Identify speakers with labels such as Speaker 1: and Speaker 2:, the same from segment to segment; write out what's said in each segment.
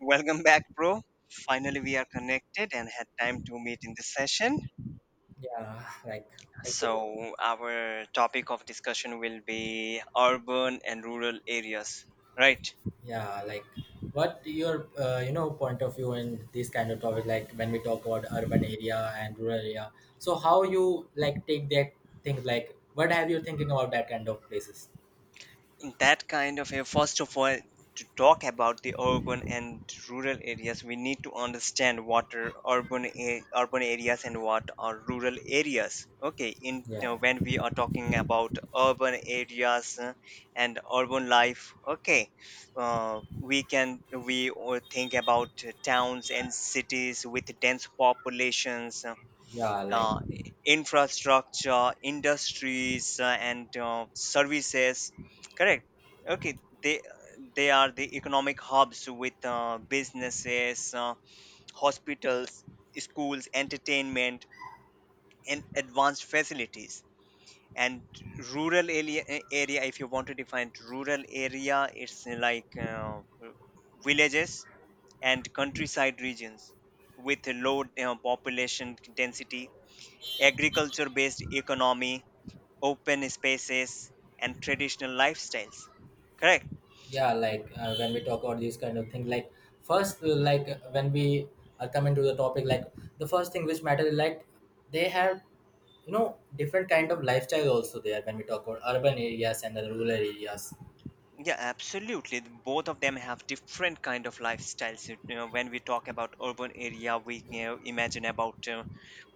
Speaker 1: Welcome back, bro. Finally, we are connected and had time to meet in this session.
Speaker 2: Yeah, like okay.
Speaker 1: So, our topic of discussion will be urban and rural areas, right?
Speaker 2: yeah, like what your point of view in this kind of topic, like when we talk about urban area and rural area. So how you like take that things like what have you thinking about that kind of places?
Speaker 1: In that kind of a, first of all, to talk about the urban and rural areas, we need to understand what are urban areas and what are rural areas. Okay, in, you
Speaker 2: Yeah,
Speaker 1: know, when we are talking about urban areas, and urban life. Okay, we all think about towns and cities with dense populations,
Speaker 2: yeah, like
Speaker 1: uh, infrastructure, industries, and services. Correct. Okay. They are the economic hubs with businesses, hospitals, schools, entertainment, and advanced facilities. And rural area, if you want to define rural area, it's like villages and countryside regions with a low population density, agriculture based economy, open spaces, and traditional lifestyles. Correct.
Speaker 2: when we talk about these kind of things, like when we are coming to the topic, like the first thing which matters, like they have different kind of lifestyle also there when we talk about urban areas and the rural areas.
Speaker 1: Yeah, absolutely. Both of them have different kind of lifestyles. You know, when we talk about urban area, we, you know, imagine about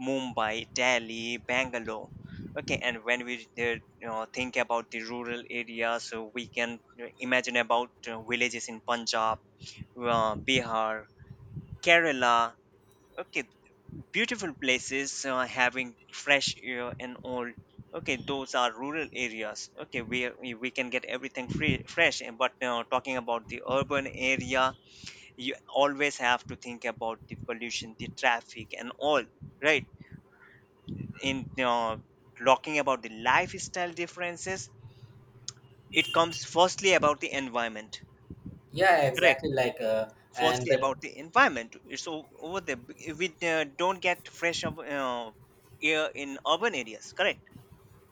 Speaker 1: Mumbai, Delhi, Bangalore. Okay, and when we, you know, think about the rural area, so we can, you know, imagine about villages in Punjab, Bihar, Kerala. Okay, beautiful places having fresh air and all. Okay, those are rural areas. Okay, where we can get everything free, fresh, and but now talking about the urban area, you always have to think about the pollution, the traffic, and all, right? in Talking about the lifestyle differences, it comes firstly about the environment.
Speaker 2: Yeah,
Speaker 1: Correct.
Speaker 2: exactly. And
Speaker 1: Firstly
Speaker 2: when
Speaker 1: about the environment, over there, we don't get fresh air in urban areas. Correct.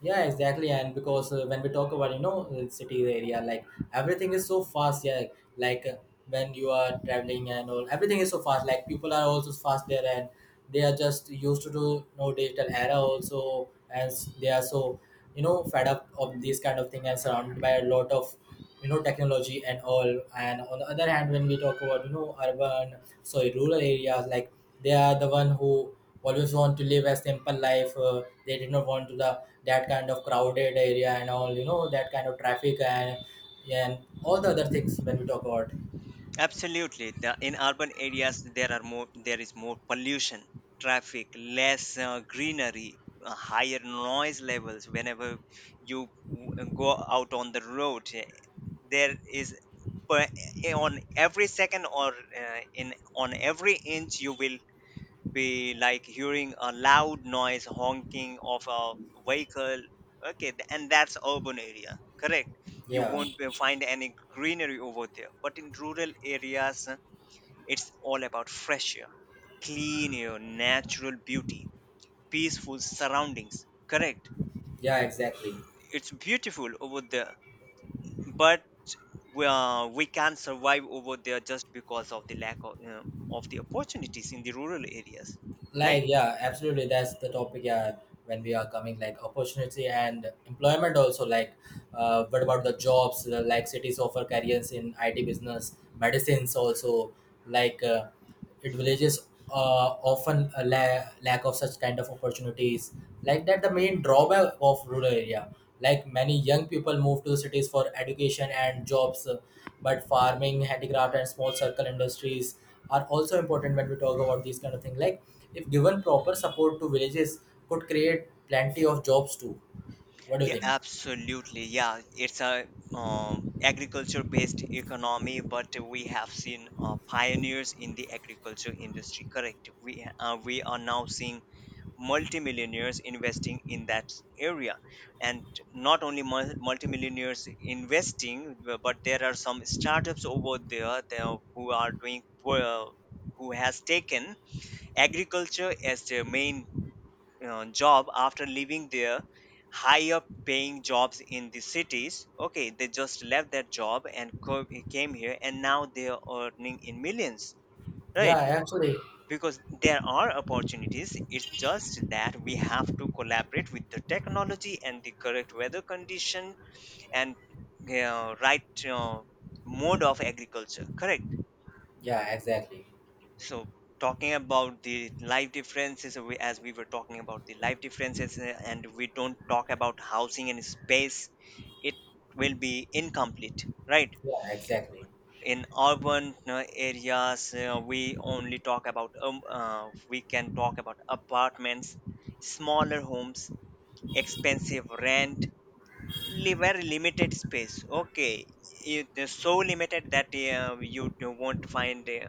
Speaker 2: yeah, exactly. And because when we talk about city area, like everything is so fast. Yeah, like uh, when you are traveling and all, everything is so fast. Like people are also fast there, and they are just used to do digital era also, as they are so fed up of this kind of thing and surrounded by a lot of technology and all. And on the other hand when we talk about you know urban sorry rural areas, like they are the one who always want to live a simple life. They did not want to the that kind of crowded area and all, you know, that kind of traffic and all the other things when we talk about.
Speaker 1: Absolutely. The, in urban areas, there are more. There is more pollution, traffic, less greenery, higher noise levels. Whenever you go out on the road, there is per, on every second, or in on every inch, you will be like hearing a loud noise, honking of a vehicle. Okay, and that's urban area. Correct. You
Speaker 2: yeah
Speaker 1: won't find any greenery over there. But in rural areas, it's all about fresh air, clean air, natural beauty, peaceful surroundings. Correct.
Speaker 2: yeah exactly
Speaker 1: It's beautiful over there, but we can't survive over there just because of the lack of, you know, of the opportunities in the rural areas, right?
Speaker 2: like yeah absolutely that's the topic. Yeah, when we are coming like opportunity and employment also, like what about the jobs? Like cities offer careers in it business, medicines also, like it villages often lack of such kind of opportunities, like that the main drawback of rural area. Like many young people move to cities for education and jobs, but farming, handicraft and small circle industries are also important when we talk about these kind of things. Like if given proper support to villages could create plenty of jobs too. What do you
Speaker 1: Yeah,
Speaker 2: think?
Speaker 1: absolutely. Yeah, it's a agriculture-based economy, but we have seen pioneers in the agriculture industry. Correct. We are now seeing multimillionaires investing in that area, and not only multimillionaires investing, but there are some startups over there, there, who are doing who has taken agriculture as their main job after leaving their higher paying jobs in the cities. Okay, they just left that job and came here and now they are earning in millions,
Speaker 2: yeah
Speaker 1: right?
Speaker 2: actually
Speaker 1: Because there are opportunities, it's just that we have to collaborate with the technology and the correct weather condition, and right, uh, mode of agriculture. Correct.
Speaker 2: yeah exactly
Speaker 1: So talking about the life differences, as we were talking about the life differences, and we don't talk about housing and space, it will be incomplete, right?
Speaker 2: yeah exactly
Speaker 1: In urban areas, we can talk about apartments, smaller homes, expensive rent, very limited space. Okay, it is so limited that you won't find.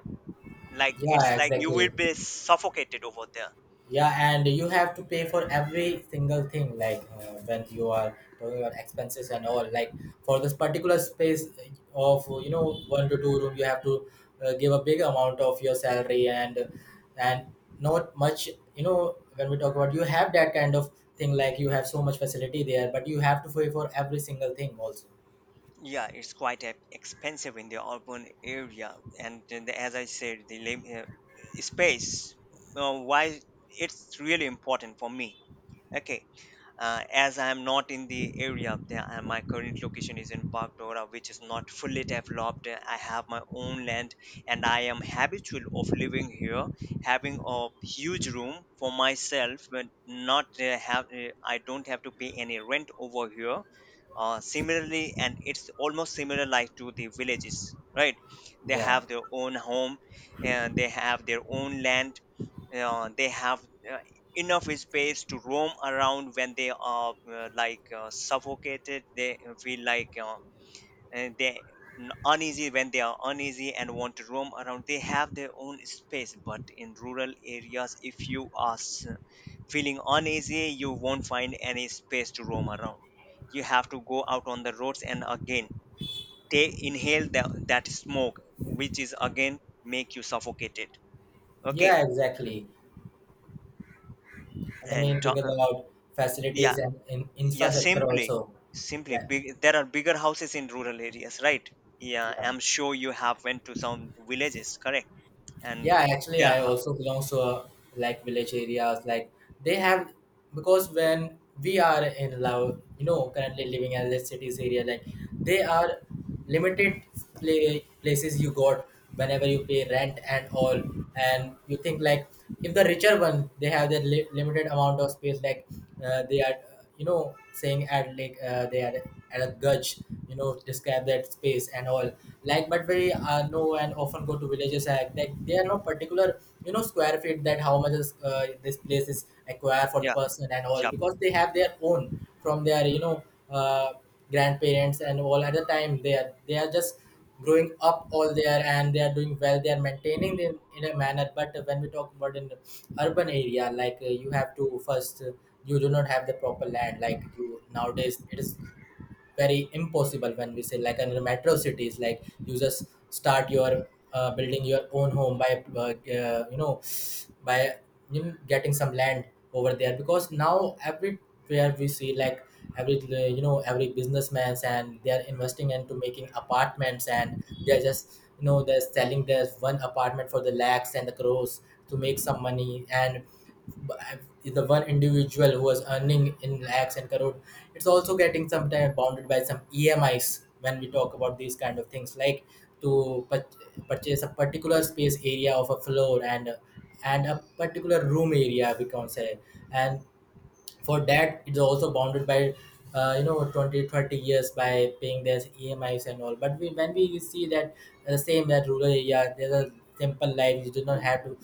Speaker 1: Like
Speaker 2: yeah
Speaker 1: it's like you will
Speaker 2: exactly
Speaker 1: be suffocated over there.
Speaker 2: Yeah, and you have to pay for every single thing, when you are talking about expenses and all. Like for this particular space of, you know, one to two room, you have to give a big amount of your salary and not much. You know, when we talk about you have that kind of thing, like you have so much facility there, but you have to pay for every single thing also.
Speaker 1: Yeah, it's quite expensive in the urban area, and then as I said, the lim- space. Why it's really important for me. Okay, as I am not in the area of there, my current location is in Bagdora, which is not fully developed. I have my own land and I am habitual of living here, having a huge room for myself, but not have I don't have to pay any rent over here. Similarly, and it's almost similar like to the villages, right? They
Speaker 2: Yeah,
Speaker 1: have their own home and they have their own land. They have uh, enough space to roam around when they are suffocated. They feel like and they uneasy, when they are uneasy and want to roam around, they have their own space. But in rural areas, if you are feeling uneasy, you won't find any space to roam around. You have to go out on the roads, and again they inhale that smoke, which is again make you suffocated. Okay.
Speaker 2: yeah, exactly. And the
Speaker 1: and
Speaker 2: main
Speaker 1: to-
Speaker 2: thing is about
Speaker 1: yeah.
Speaker 2: facilities and in
Speaker 1: yeah
Speaker 2: infrastructure
Speaker 1: simply
Speaker 2: also.
Speaker 1: simply
Speaker 2: Like,
Speaker 1: big, there are bigger houses in rural areas, right? Yeah,
Speaker 2: yeah.
Speaker 1: I'm sure you have went to some villages, correct?
Speaker 2: Yeah,
Speaker 1: And
Speaker 2: actually,
Speaker 1: there are
Speaker 2: I
Speaker 1: hou-
Speaker 2: also belong to a, like village areas. Like they have, because when we are in love, you know, currently living in the cities area, like they are limited play, places you got whenever you pay rent and all. And you think like if the richer one they have their limited amount of space, like they are you know saying at, they are at a gudge, you know, describe that space and all. Like but we, know and often go to villages like that they are no particular, you know, square feet that how much is, this place is acquired for the
Speaker 1: yeah.
Speaker 2: person and all,
Speaker 1: Yeah,
Speaker 2: because they have their own from their, you know, uh, grandparents and all. At the time they are just growing up all there and they are doing well, they are maintaining them in a manner. But when we talk about in the urban area, you have to first, you do not have the proper land. Like you nowadays it is very impossible when we say like in the metro cities, like you just start your building your own home by, uh, you know by getting some land over there. Because now everywhere we see like every, you know, every businessman's and they are investing into making apartments, and they are just, you know, they're selling their one apartment for the lakhs and the crores to make some money. And the one individual who was earning in lakhs and crore, it's also getting sometimes bounded by some emis when we talk about these kind of things. Like to purchase a particular space area of a floor and a particular room area, we can say. And for that it's also bounded by, 20, 30 years by paying their emis and all. But we, when we see that same that rural area, there's a simple life. You do not have to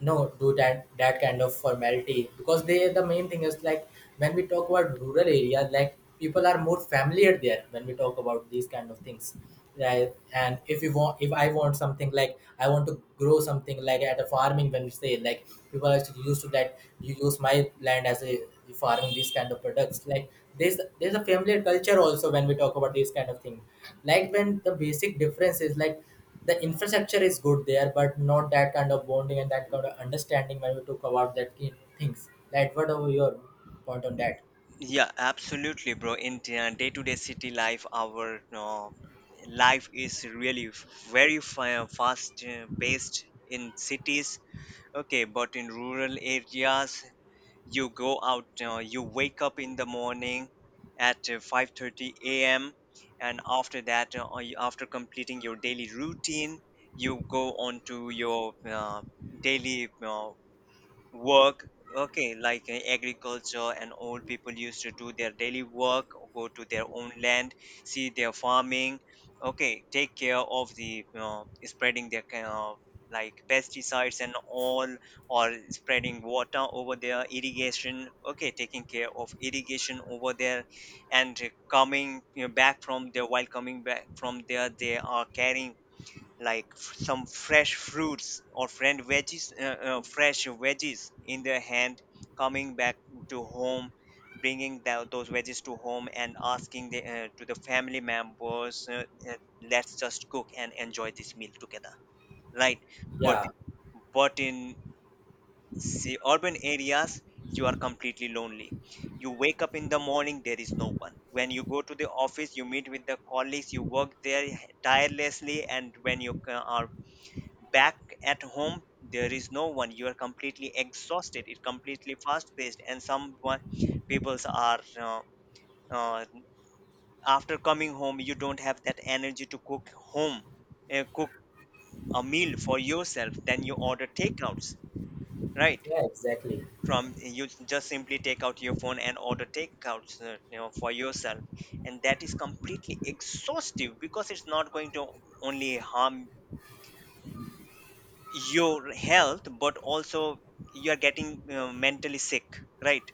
Speaker 2: no do that that kind of formality, because they, the main thing is like when we talk about rural areas like people are more familiar there when we talk about these kind of things, right? And if you want, if I want something, like I want to grow something like at a farming, when we say like people are actually used to that you use my land as a farming these kind of products. Like there's a familiar culture also when we talk about these kind of thing. Like when the basic difference is like the infrastructure is good there, but not that kind of bonding and that kind of understanding when we talk about that kind of things. Like, what are your point on that?
Speaker 1: yeah, absolutely, bro. In day-to-day city life, our life is really very fast paced in cities. Okay, but in rural areas, you go out, you wake up in the morning at 5:30 a.m., and after that, after completing your daily routine, you go on to your daily work. Okay, like agriculture, and old people used to do their daily work, go to their own land, see their farming. Okay, take care of the, you, spreading their kind of like pesticides and all, or spreading water over their irrigation. Okay, taking care of irrigation over there. And coming, you know, back from there, while coming back from there, they are carrying like some fresh fruits or friend veggies, fresh veggies in their hand, coming back to home, bringing those veggies to home and asking the, to the family members, uh, let's just cook and enjoy this meal together, right? but
Speaker 2: Yeah,
Speaker 1: but in, see, urban areas, you are completely lonely. You wake up in the morning, there is no one. When you go to the office, you meet with the colleagues, you work there tirelessly, and when you are back at home, there is no one, you are completely exhausted. It's completely fast paced, and some one peoples are uh, after coming home, you don't have that energy to cook home, cook a meal for yourself, then you order takeouts, right?
Speaker 2: yeah, exactly.
Speaker 1: From, you just simply take out your phone and order takeouts, you know, for yourself. And that is completely exhaustive, because it's not going to only harm your health, but also you are getting mentally sick, right?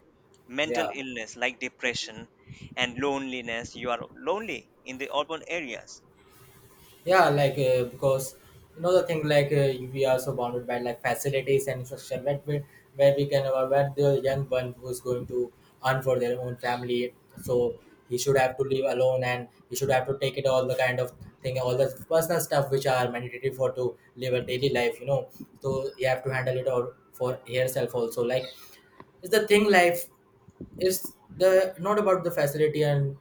Speaker 1: Mental
Speaker 2: Yeah,
Speaker 1: illness like depression and loneliness, you are lonely in the urban areas.
Speaker 2: Yeah. Because you know the thing like, we are so bounded by like facilities and infrastructure where we can, where the young one who's going to earn for their own family, so he should have to live alone and he should have to take it all the kind of thing, all the personal stuff which are mandatory for to live a daily life, you know. So you have to handle it all for yourself also. Like it's the thing life is the not about the facility and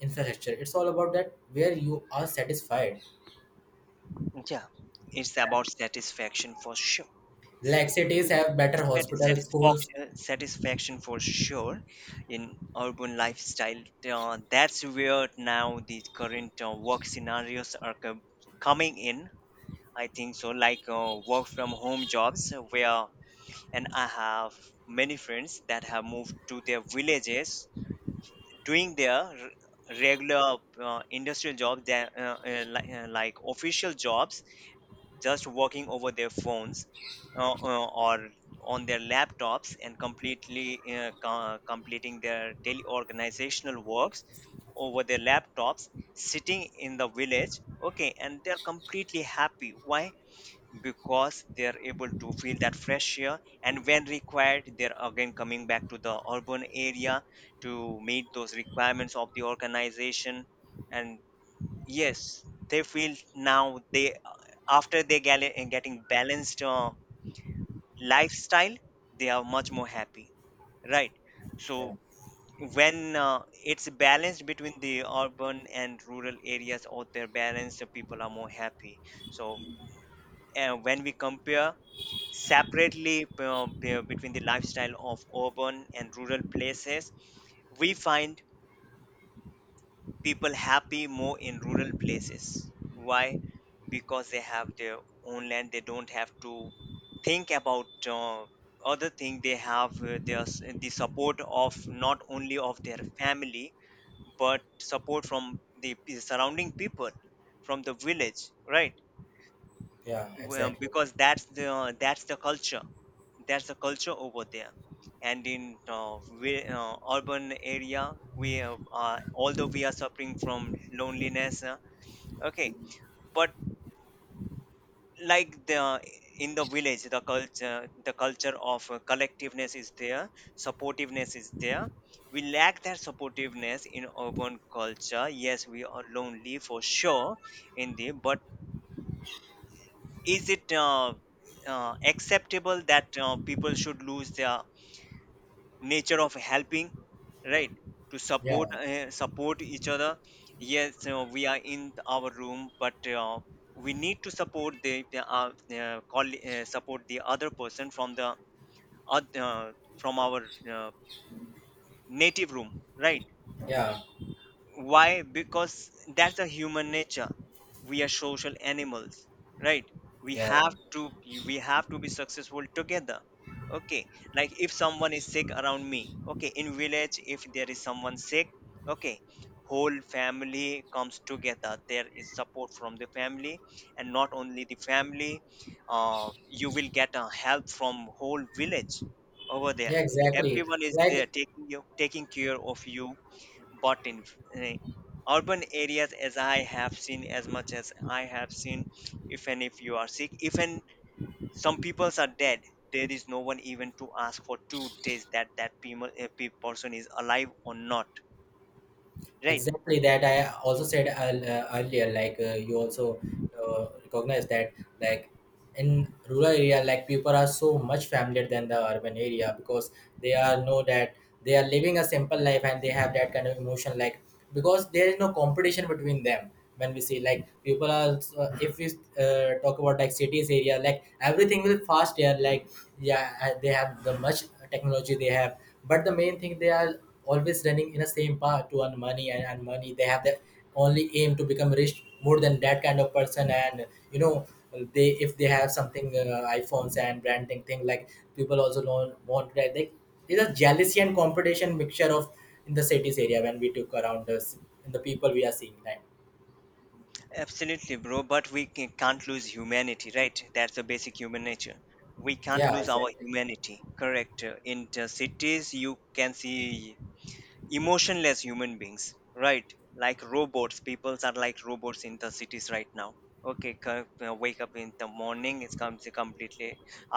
Speaker 2: infrastructure. It's all about that where you are satisfied.
Speaker 1: Yeah, it's about satisfaction for sure.
Speaker 2: Like cities
Speaker 1: It's
Speaker 2: have better hospitals, schools.
Speaker 1: satisfaction, satisfaction for sure in urban lifestyle. That's where now the current work scenarios are coming in, I think so. Like work from home jobs, where, and I have many friends that have moved to their villages, doing their regular industrial jobs, that, like official jobs, just working over their phones, or on their laptops, and completely completing their daily organizational works over their laptops, sitting in the village. Okay, and they're completely happy. Why? Because they are able to feel that fresh air, and when required they're again coming back to the urban area to meet those requirements of the organization. And yes, they feel now they, after they getting balanced lifestyle, they are much more happy, right? So
Speaker 2: Yeah,
Speaker 1: when it's balanced between the urban and rural areas, or they're balanced, the people are more happy. So when we compare separately, between the lifestyle of urban and rural places, we find people happy more in rural places. Why? Because they have their own land, they don't have to think about other thing. They have the support of not only of their family, but support from the surrounding people from the village, right?
Speaker 2: yeah,
Speaker 1: Well,
Speaker 2: exactly.
Speaker 1: because that's the, that's the culture, that's the culture over there. And in urban area, we although we are suffering from loneliness, okay, but like the, in the village, the culture, the culture of collectiveness is there, supportiveness is there. We lack that supportiveness in urban culture. Yes, we are lonely for sure in the, but is it acceptable that people should lose their nature of helping, right? To support,
Speaker 2: Yeah,
Speaker 1: support each other. Yes, we are in our room, but we need to support the, support the other person from the oth- uh, from our uh, native room, right?
Speaker 2: yeah,
Speaker 1: Why? Because that's a human nature, we are social animals, right? We
Speaker 2: yeah,
Speaker 1: have to, we have to be successful together. Okay, like if someone is sick around me, okay, in village, if there is someone sick, okay, whole family comes together, there is support from the family, and not only the family, you will get help from Whole village over there.
Speaker 2: yeah, exactly.
Speaker 1: Everyone is
Speaker 2: Like
Speaker 1: there taking you taking care of you. But in eh, urban areas, as I have seen, as much as I have seen, if and if you are sick, even some peoples are dead, there is no one even to ask for 2 days that person is alive or not, right?
Speaker 2: exactly that I also said earlier. Like you also recognize that, like in rural area like people are so much familiar than the urban area, because they are know that they are living a simple life and they have that kind of emotion. Like because there is no competition between them. When we see like people are so, if we talk about like cities area like everything will fast here, like yeah, they have the much technology they have, but the main thing they are always running in the same path to earn money and money. They have the only aim to become rich more than that kind of person. And you know, well, they, if they have something, iPhones and branding thing, like people also don't want that. They, it's a jealousy and competition mixture of in the cities area when we took around us in the people we are seeing time.
Speaker 1: Absolutely, bro, but we can't lose humanity, right? That's the basic human nature. We can't
Speaker 2: Yeah
Speaker 1: lose our
Speaker 2: exactly
Speaker 1: humanity, correct. In the cities you can see emotionless human beings, right? Like robots, peoples are like robots in the cities right now. Okay, wake up in the morning, it comes completely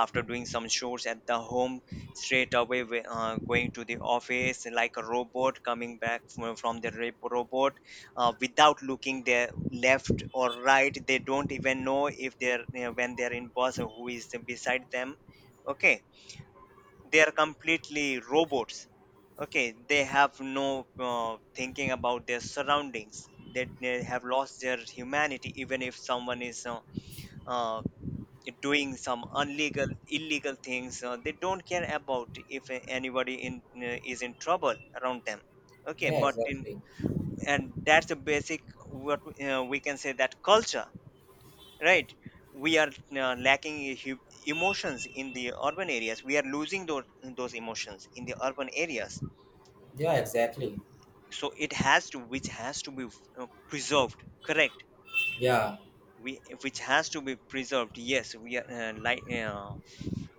Speaker 1: after doing some chores at the home, straight away going to the office like a robot, coming back from the robot, without looking their left or right. They don't even know if they're when they're in boss or who is beside them. Okay, they are completely robots. Okay, they have no thinking about their surroundings, that they have lost their humanity. Even if someone is uh, doing some illegal things, they don't care about if anybody in is in trouble around them. Okay,
Speaker 2: yeah
Speaker 1: but in,
Speaker 2: exactly
Speaker 1: and that's the basic what we can say, that culture, right? We are lacking emotions in the urban areas. We are losing those emotions in the urban areas.
Speaker 2: yeah exactly
Speaker 1: So it has to, which has to be preserved, correct.
Speaker 2: yeah
Speaker 1: We, which has to be preserved. Yes, we are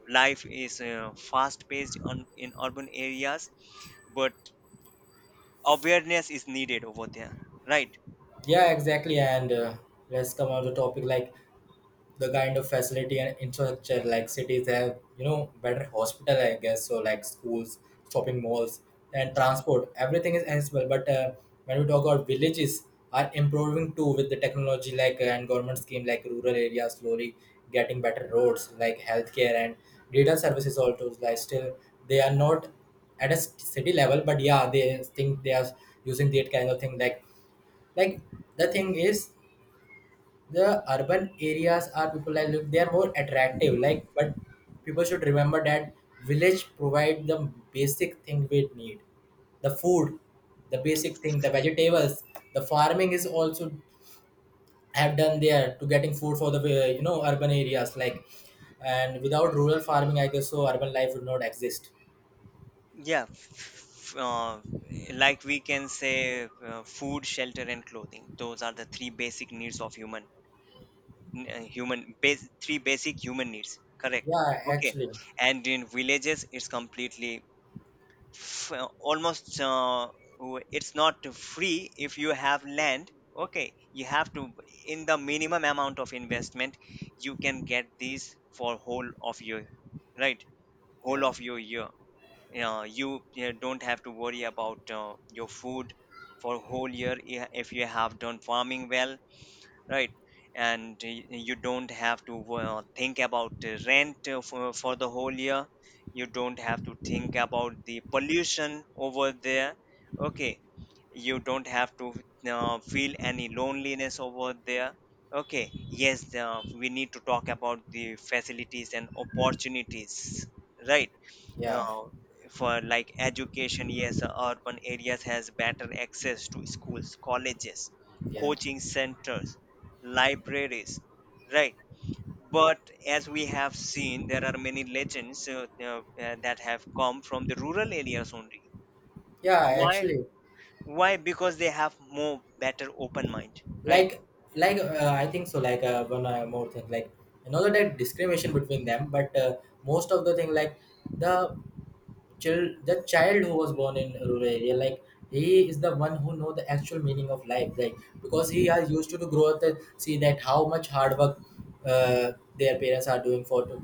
Speaker 1: life is fast paced on in urban areas, but awareness is needed over there, right?
Speaker 2: yeah exactly and Let's come on to topic. Like the kind of facility and infrastructure, like cities have, you know, better hospital, I guess so, like schools, shopping malls, and
Speaker 1: Yeah.
Speaker 2: transport, everything is accessible. But when we talk about villages are improving too with the technology, and government scheme, like rural areas slowly getting better roads, like healthcare and data services also. Like still they are not at a city level, but yeah they think they are using that kind of thing. Like the thing is the urban areas are people like live, they are more attractive. Like but people should remember that village provide the basic thing we need, the food, the basic thing, the vegetables. The farming is also have done there to getting food for the, urban areas. Like and without rural farming, I guess so urban life would not exist.
Speaker 1: Yeah, f- uh, like we can say, food, shelter, and clothing. Those are the three basic needs of human, three basic human needs. Correct.
Speaker 2: Yeah
Speaker 1: Okay.
Speaker 2: actually
Speaker 1: And in villages, it's completely almost. It's not free if you have land. Okay, you have to, in the minimum amount of investment, you can get these for whole of your, right, whole
Speaker 2: yeah
Speaker 1: of your year. You Don't have to worry about your food for whole year, if you have done farming well, right. And you don't have to think about the rent uh, for the whole year. You don't have to think about the pollution over there. Okay, you don't have to feel any loneliness over there. Okay, yes, we need to talk about the facilities and opportunities, right?
Speaker 2: yeah
Speaker 1: uh, for like education, yes, urban areas has better access to schools, colleges,
Speaker 2: yeah
Speaker 1: coaching centers, libraries, right? But as we have seen, there are many legends that have come from the rural areas only.
Speaker 2: yeah
Speaker 1: Why?
Speaker 2: actually
Speaker 1: Why? Because they have more better open mind, right?
Speaker 2: like like I think so, like, one more thing, like another that discrimination between them. But most of the thing, like the the child who was born in rural area, like he is the one who know the actual meaning of life. Like because he has used to grow up and see that how much hard work uh, their parents are doing for to,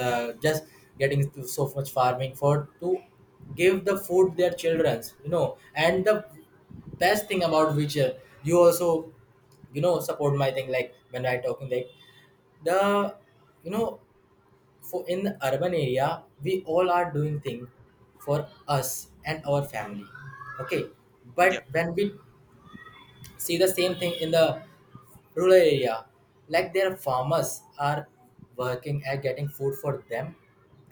Speaker 2: just getting to so much farming for to give the food their children's, you know. And the best thing about which, you also, you know, support my thing, like when I talking like the, you know, for in the urban area we all are doing thing for us and our family. Okay,
Speaker 1: Yeah.
Speaker 2: but when we see the same thing in the rural area, like their farmers are working and getting food for them,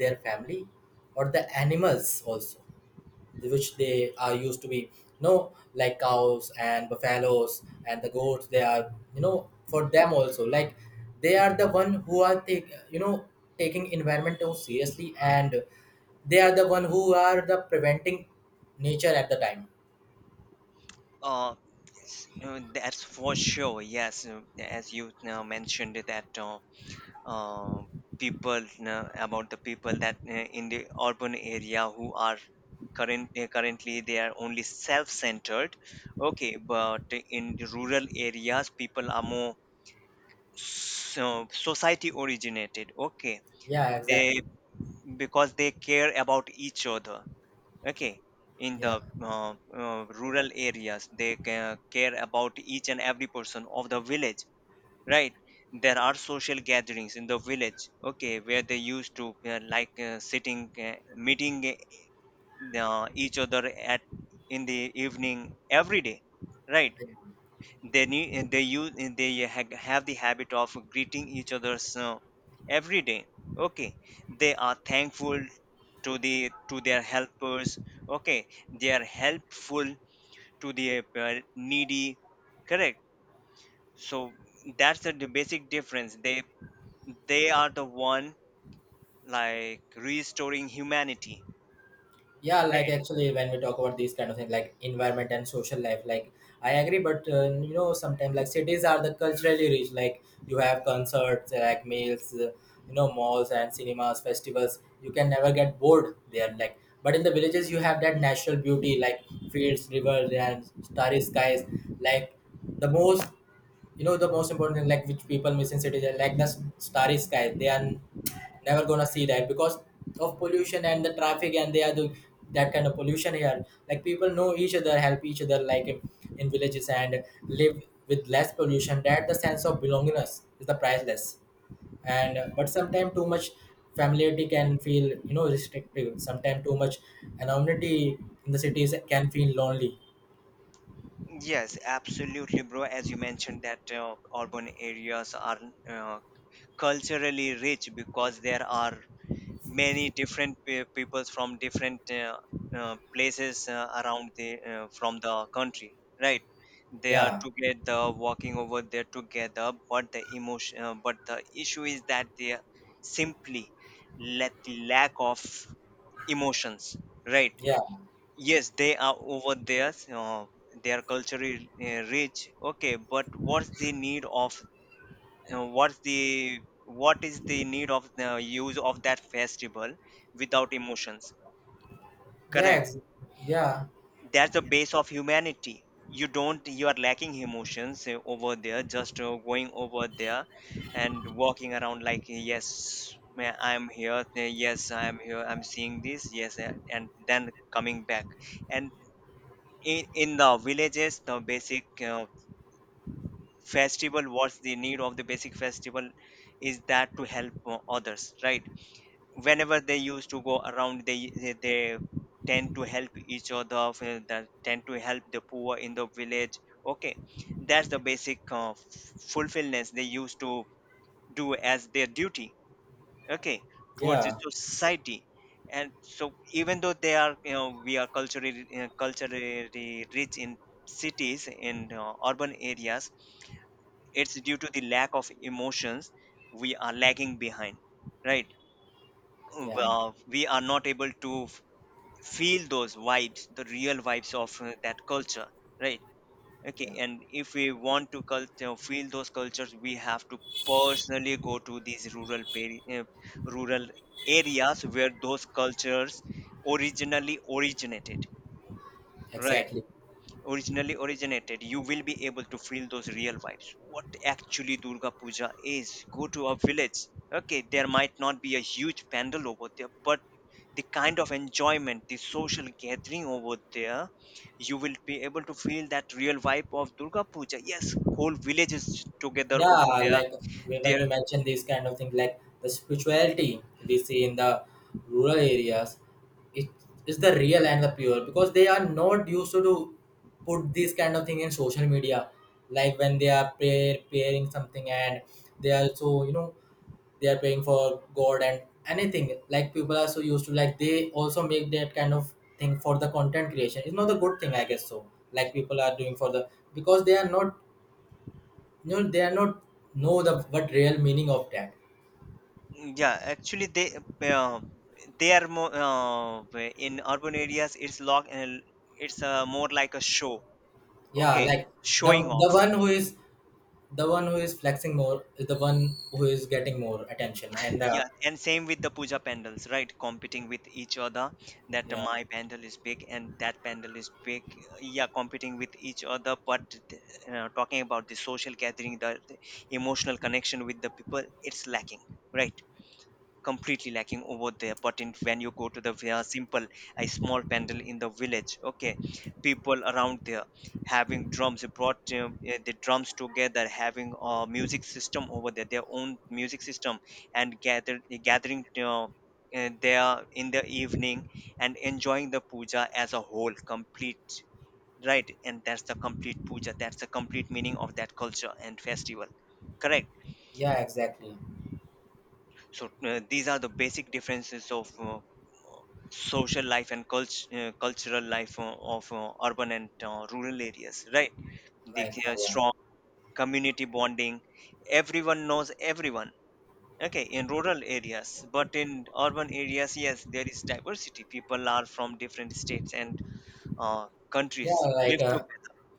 Speaker 2: their family Or the animals also, which they are used to be, you know, like cows and buffaloes and the goats, they are, you know, for them also, like they are the one who are take, taking environment so seriously, and they are the one who are the preventing nature at the time.
Speaker 1: uh, yes, that's for sure. Yes, as you now mentioned that, uh, people, about the people that in the urban area who are currently they are only self-centered. Okay, but in the rural areas people are more so society originated. Okay,
Speaker 2: Yeah,
Speaker 1: they,
Speaker 2: exactly.
Speaker 1: because they care about each other. Okay, in the
Speaker 2: Yeah,
Speaker 1: rural areas they care about each and every person of the village, right? There are social gatherings in the village. Okay, where they used to sitting, meeting each other at, in the evening every day, right? They need, they use, they have the habit of greeting each other's, every day. Okay, they are thankful to the, to their helpers. Okay, they are helpful to the needy, correct. So that's the basic difference. They are the one like restoring humanity,
Speaker 2: yeah, like
Speaker 1: right?
Speaker 2: actually when we talk about these kind of things, like environment and social life, like I agree, but you know, sometimes like cities are the culturally rich, like you have concerts, like meals, you know, malls and cinemas, festivals, you can never get bored there, like but in the villages you have that natural beauty, like fields, rivers and starry skies, like the most, you know, the most important thing, like which people miss in cities, like starry sky, they are never gonna see that because of pollution and the traffic and they are the that kind of pollution here. Like people know each other, help each other, like in villages, and live with less pollution, that the sense of belongingness is the priceless. And but sometimes too much familiarity can feel, you know, restrictive, sometimes too much anonymity in the cities can feel lonely.
Speaker 1: Yes, absolutely, bro, as you mentioned that urban areas are uh, culturally rich because there are many different peoples from different places around the from the country, right? They are
Speaker 2: Yeah,
Speaker 1: together walking over there together, but the emotion, but the issue is that they simply let the lack of emotions, right?
Speaker 2: yeah,
Speaker 1: Yes, they are over there. They are culturally rich, okay, but what's the need of what is the need of the use of that festival without emotions?
Speaker 2: yeah
Speaker 1: Correct.
Speaker 2: ex- yeah,
Speaker 1: That's the base of humanity. You don't, you are lacking emotions over there, just going over there and walking around, like yes, I'm here, yes, I'm here, I'm seeing this, yes, and then coming back. And in the villages the basic festival, what's the need of the basic festival, is that to help others, right? Whenever they used to go around, they tend to help each other, they tend to help the poor in the village. Okay, that's the basic fulfillment they used to do as their duty, okay, towards the
Speaker 2: yeah.
Speaker 1: society. And so even though they are, you know, we are culturally rich in cities, in urban areas, it's due to the lack of emotions. We are lagging behind, right?
Speaker 2: Yeah,
Speaker 1: Well, we are not able to feel those vibes, the real vibes of that culture, right? Okay,
Speaker 2: yeah,
Speaker 1: and if we want to culture feel those cultures, we have to personally go to these rural rural areas where those cultures originally originated, right?
Speaker 2: exactly.
Speaker 1: Originally originated, you will be able to feel those real vibes. What actually Durga Puja is. Go to a village. Okay, there might not be a huge pandal over there, but the kind of enjoyment, the social gathering over there, you will be able to feel that real vibe of Durga Puja. Yes, whole village is together over
Speaker 2: Yeah,
Speaker 1: there.
Speaker 2: like when
Speaker 1: There,
Speaker 2: you mention these kind of things, like the spirituality we see in the rural areas, it is the real and the pure because they are not used to do, put this kind of thing in social media. Like when they are praying something and they are so, you know, they are praying for God and anything. Like people are so used to, like they also make that kind of thing for the content creation. It's not a good thing, I guess. So like people are doing for the because they are not. No, they are not know the what real meaning of that.
Speaker 1: yeah, actually uh, they are more in urban areas. It's more like a show.
Speaker 2: Yeah,
Speaker 1: Okay,
Speaker 2: like the
Speaker 1: showing
Speaker 2: the
Speaker 1: off.
Speaker 2: one who is the one who is flexing more is the one who is getting more attention, and
Speaker 1: Yeah,
Speaker 2: the
Speaker 1: and same with the puja pandals, right? Competing with each other that
Speaker 2: yeah,
Speaker 1: my pandal is big and that pandal is big. Yeah, competing with each other, but talking about the social gathering, the emotional connection with the people, it's lacking, right? Completely lacking over there. But in, when you go to the very simple, a small pandal in the village, okay, people around there having drums, they brought the drums together, having a music system over there, their own music system, and gathering there in the evening and enjoying the puja as a whole complete, right? And that's the complete puja, that's the complete meaning of that culture and festival, correct.
Speaker 2: yeah, exactly.
Speaker 1: So these are the basic differences of social life and cultural life of urban and rural areas, right? The
Speaker 2: Like yeah,
Speaker 1: strong community bonding, everyone knows everyone. Okay, in rural areas. But in urban areas, yes, there is diversity. People are from different states and
Speaker 2: yeah,
Speaker 1: countries
Speaker 2: like
Speaker 1: live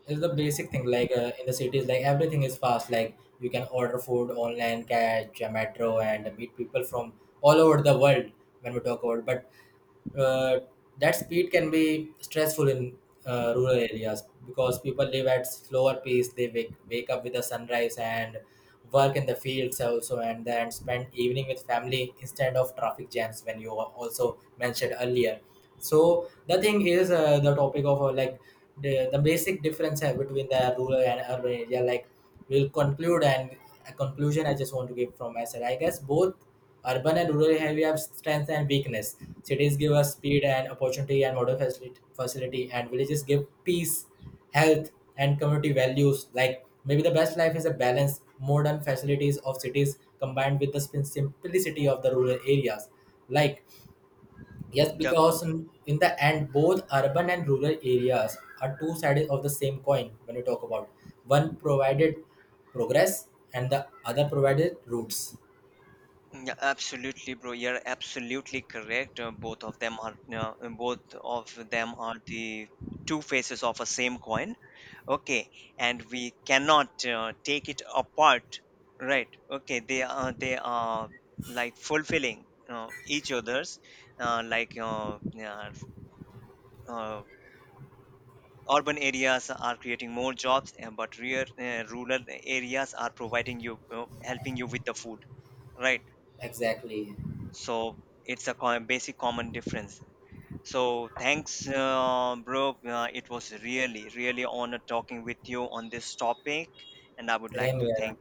Speaker 2: it's the basic thing, like in the cities, like everything is fast, like you can order food online, catch a metro, and meet people from all over the world. When we talk about, but uh, that speed can be stressful in rural areas, because people live at slower pace, they wake up with the sunrise and work in the fields also, and then spend evening with family instead of traffic jams, when you also mentioned earlier. So the thing is, the topic of like the basic difference between the rural and urban area, like we'll conclude, and a conclusion I just want to give from myself, I guess both urban and rural area have strengths and weakness. Cities give us speed and opportunity and modern facility, and villages give peace, health and community values. Like maybe the best life is a balance, modern facilities of cities combined with the simplicity of the rural areas. Like yes,
Speaker 1: together.
Speaker 2: because in the end, both urban and rural areas are two sides of the same coin. When we talk about, one provided progress and the other provided roots.
Speaker 1: Yeah, absolutely, bro. You're absolutely correct. Both of them are, both of them are the two faces of a same coin. Okay, and we cannot take it apart, right? Okay, they are, they are like fulfilling each other's, uh, like uh, yeah, uh, urban areas are creating more jobs, and but rural areas are providing you, helping you with the food, right?
Speaker 2: Exactly.
Speaker 1: So it's a basic common difference. So thanks, bro. It was really, really honor talking with you on this topic, and I would like
Speaker 2: Same
Speaker 1: to
Speaker 2: here.
Speaker 1: thank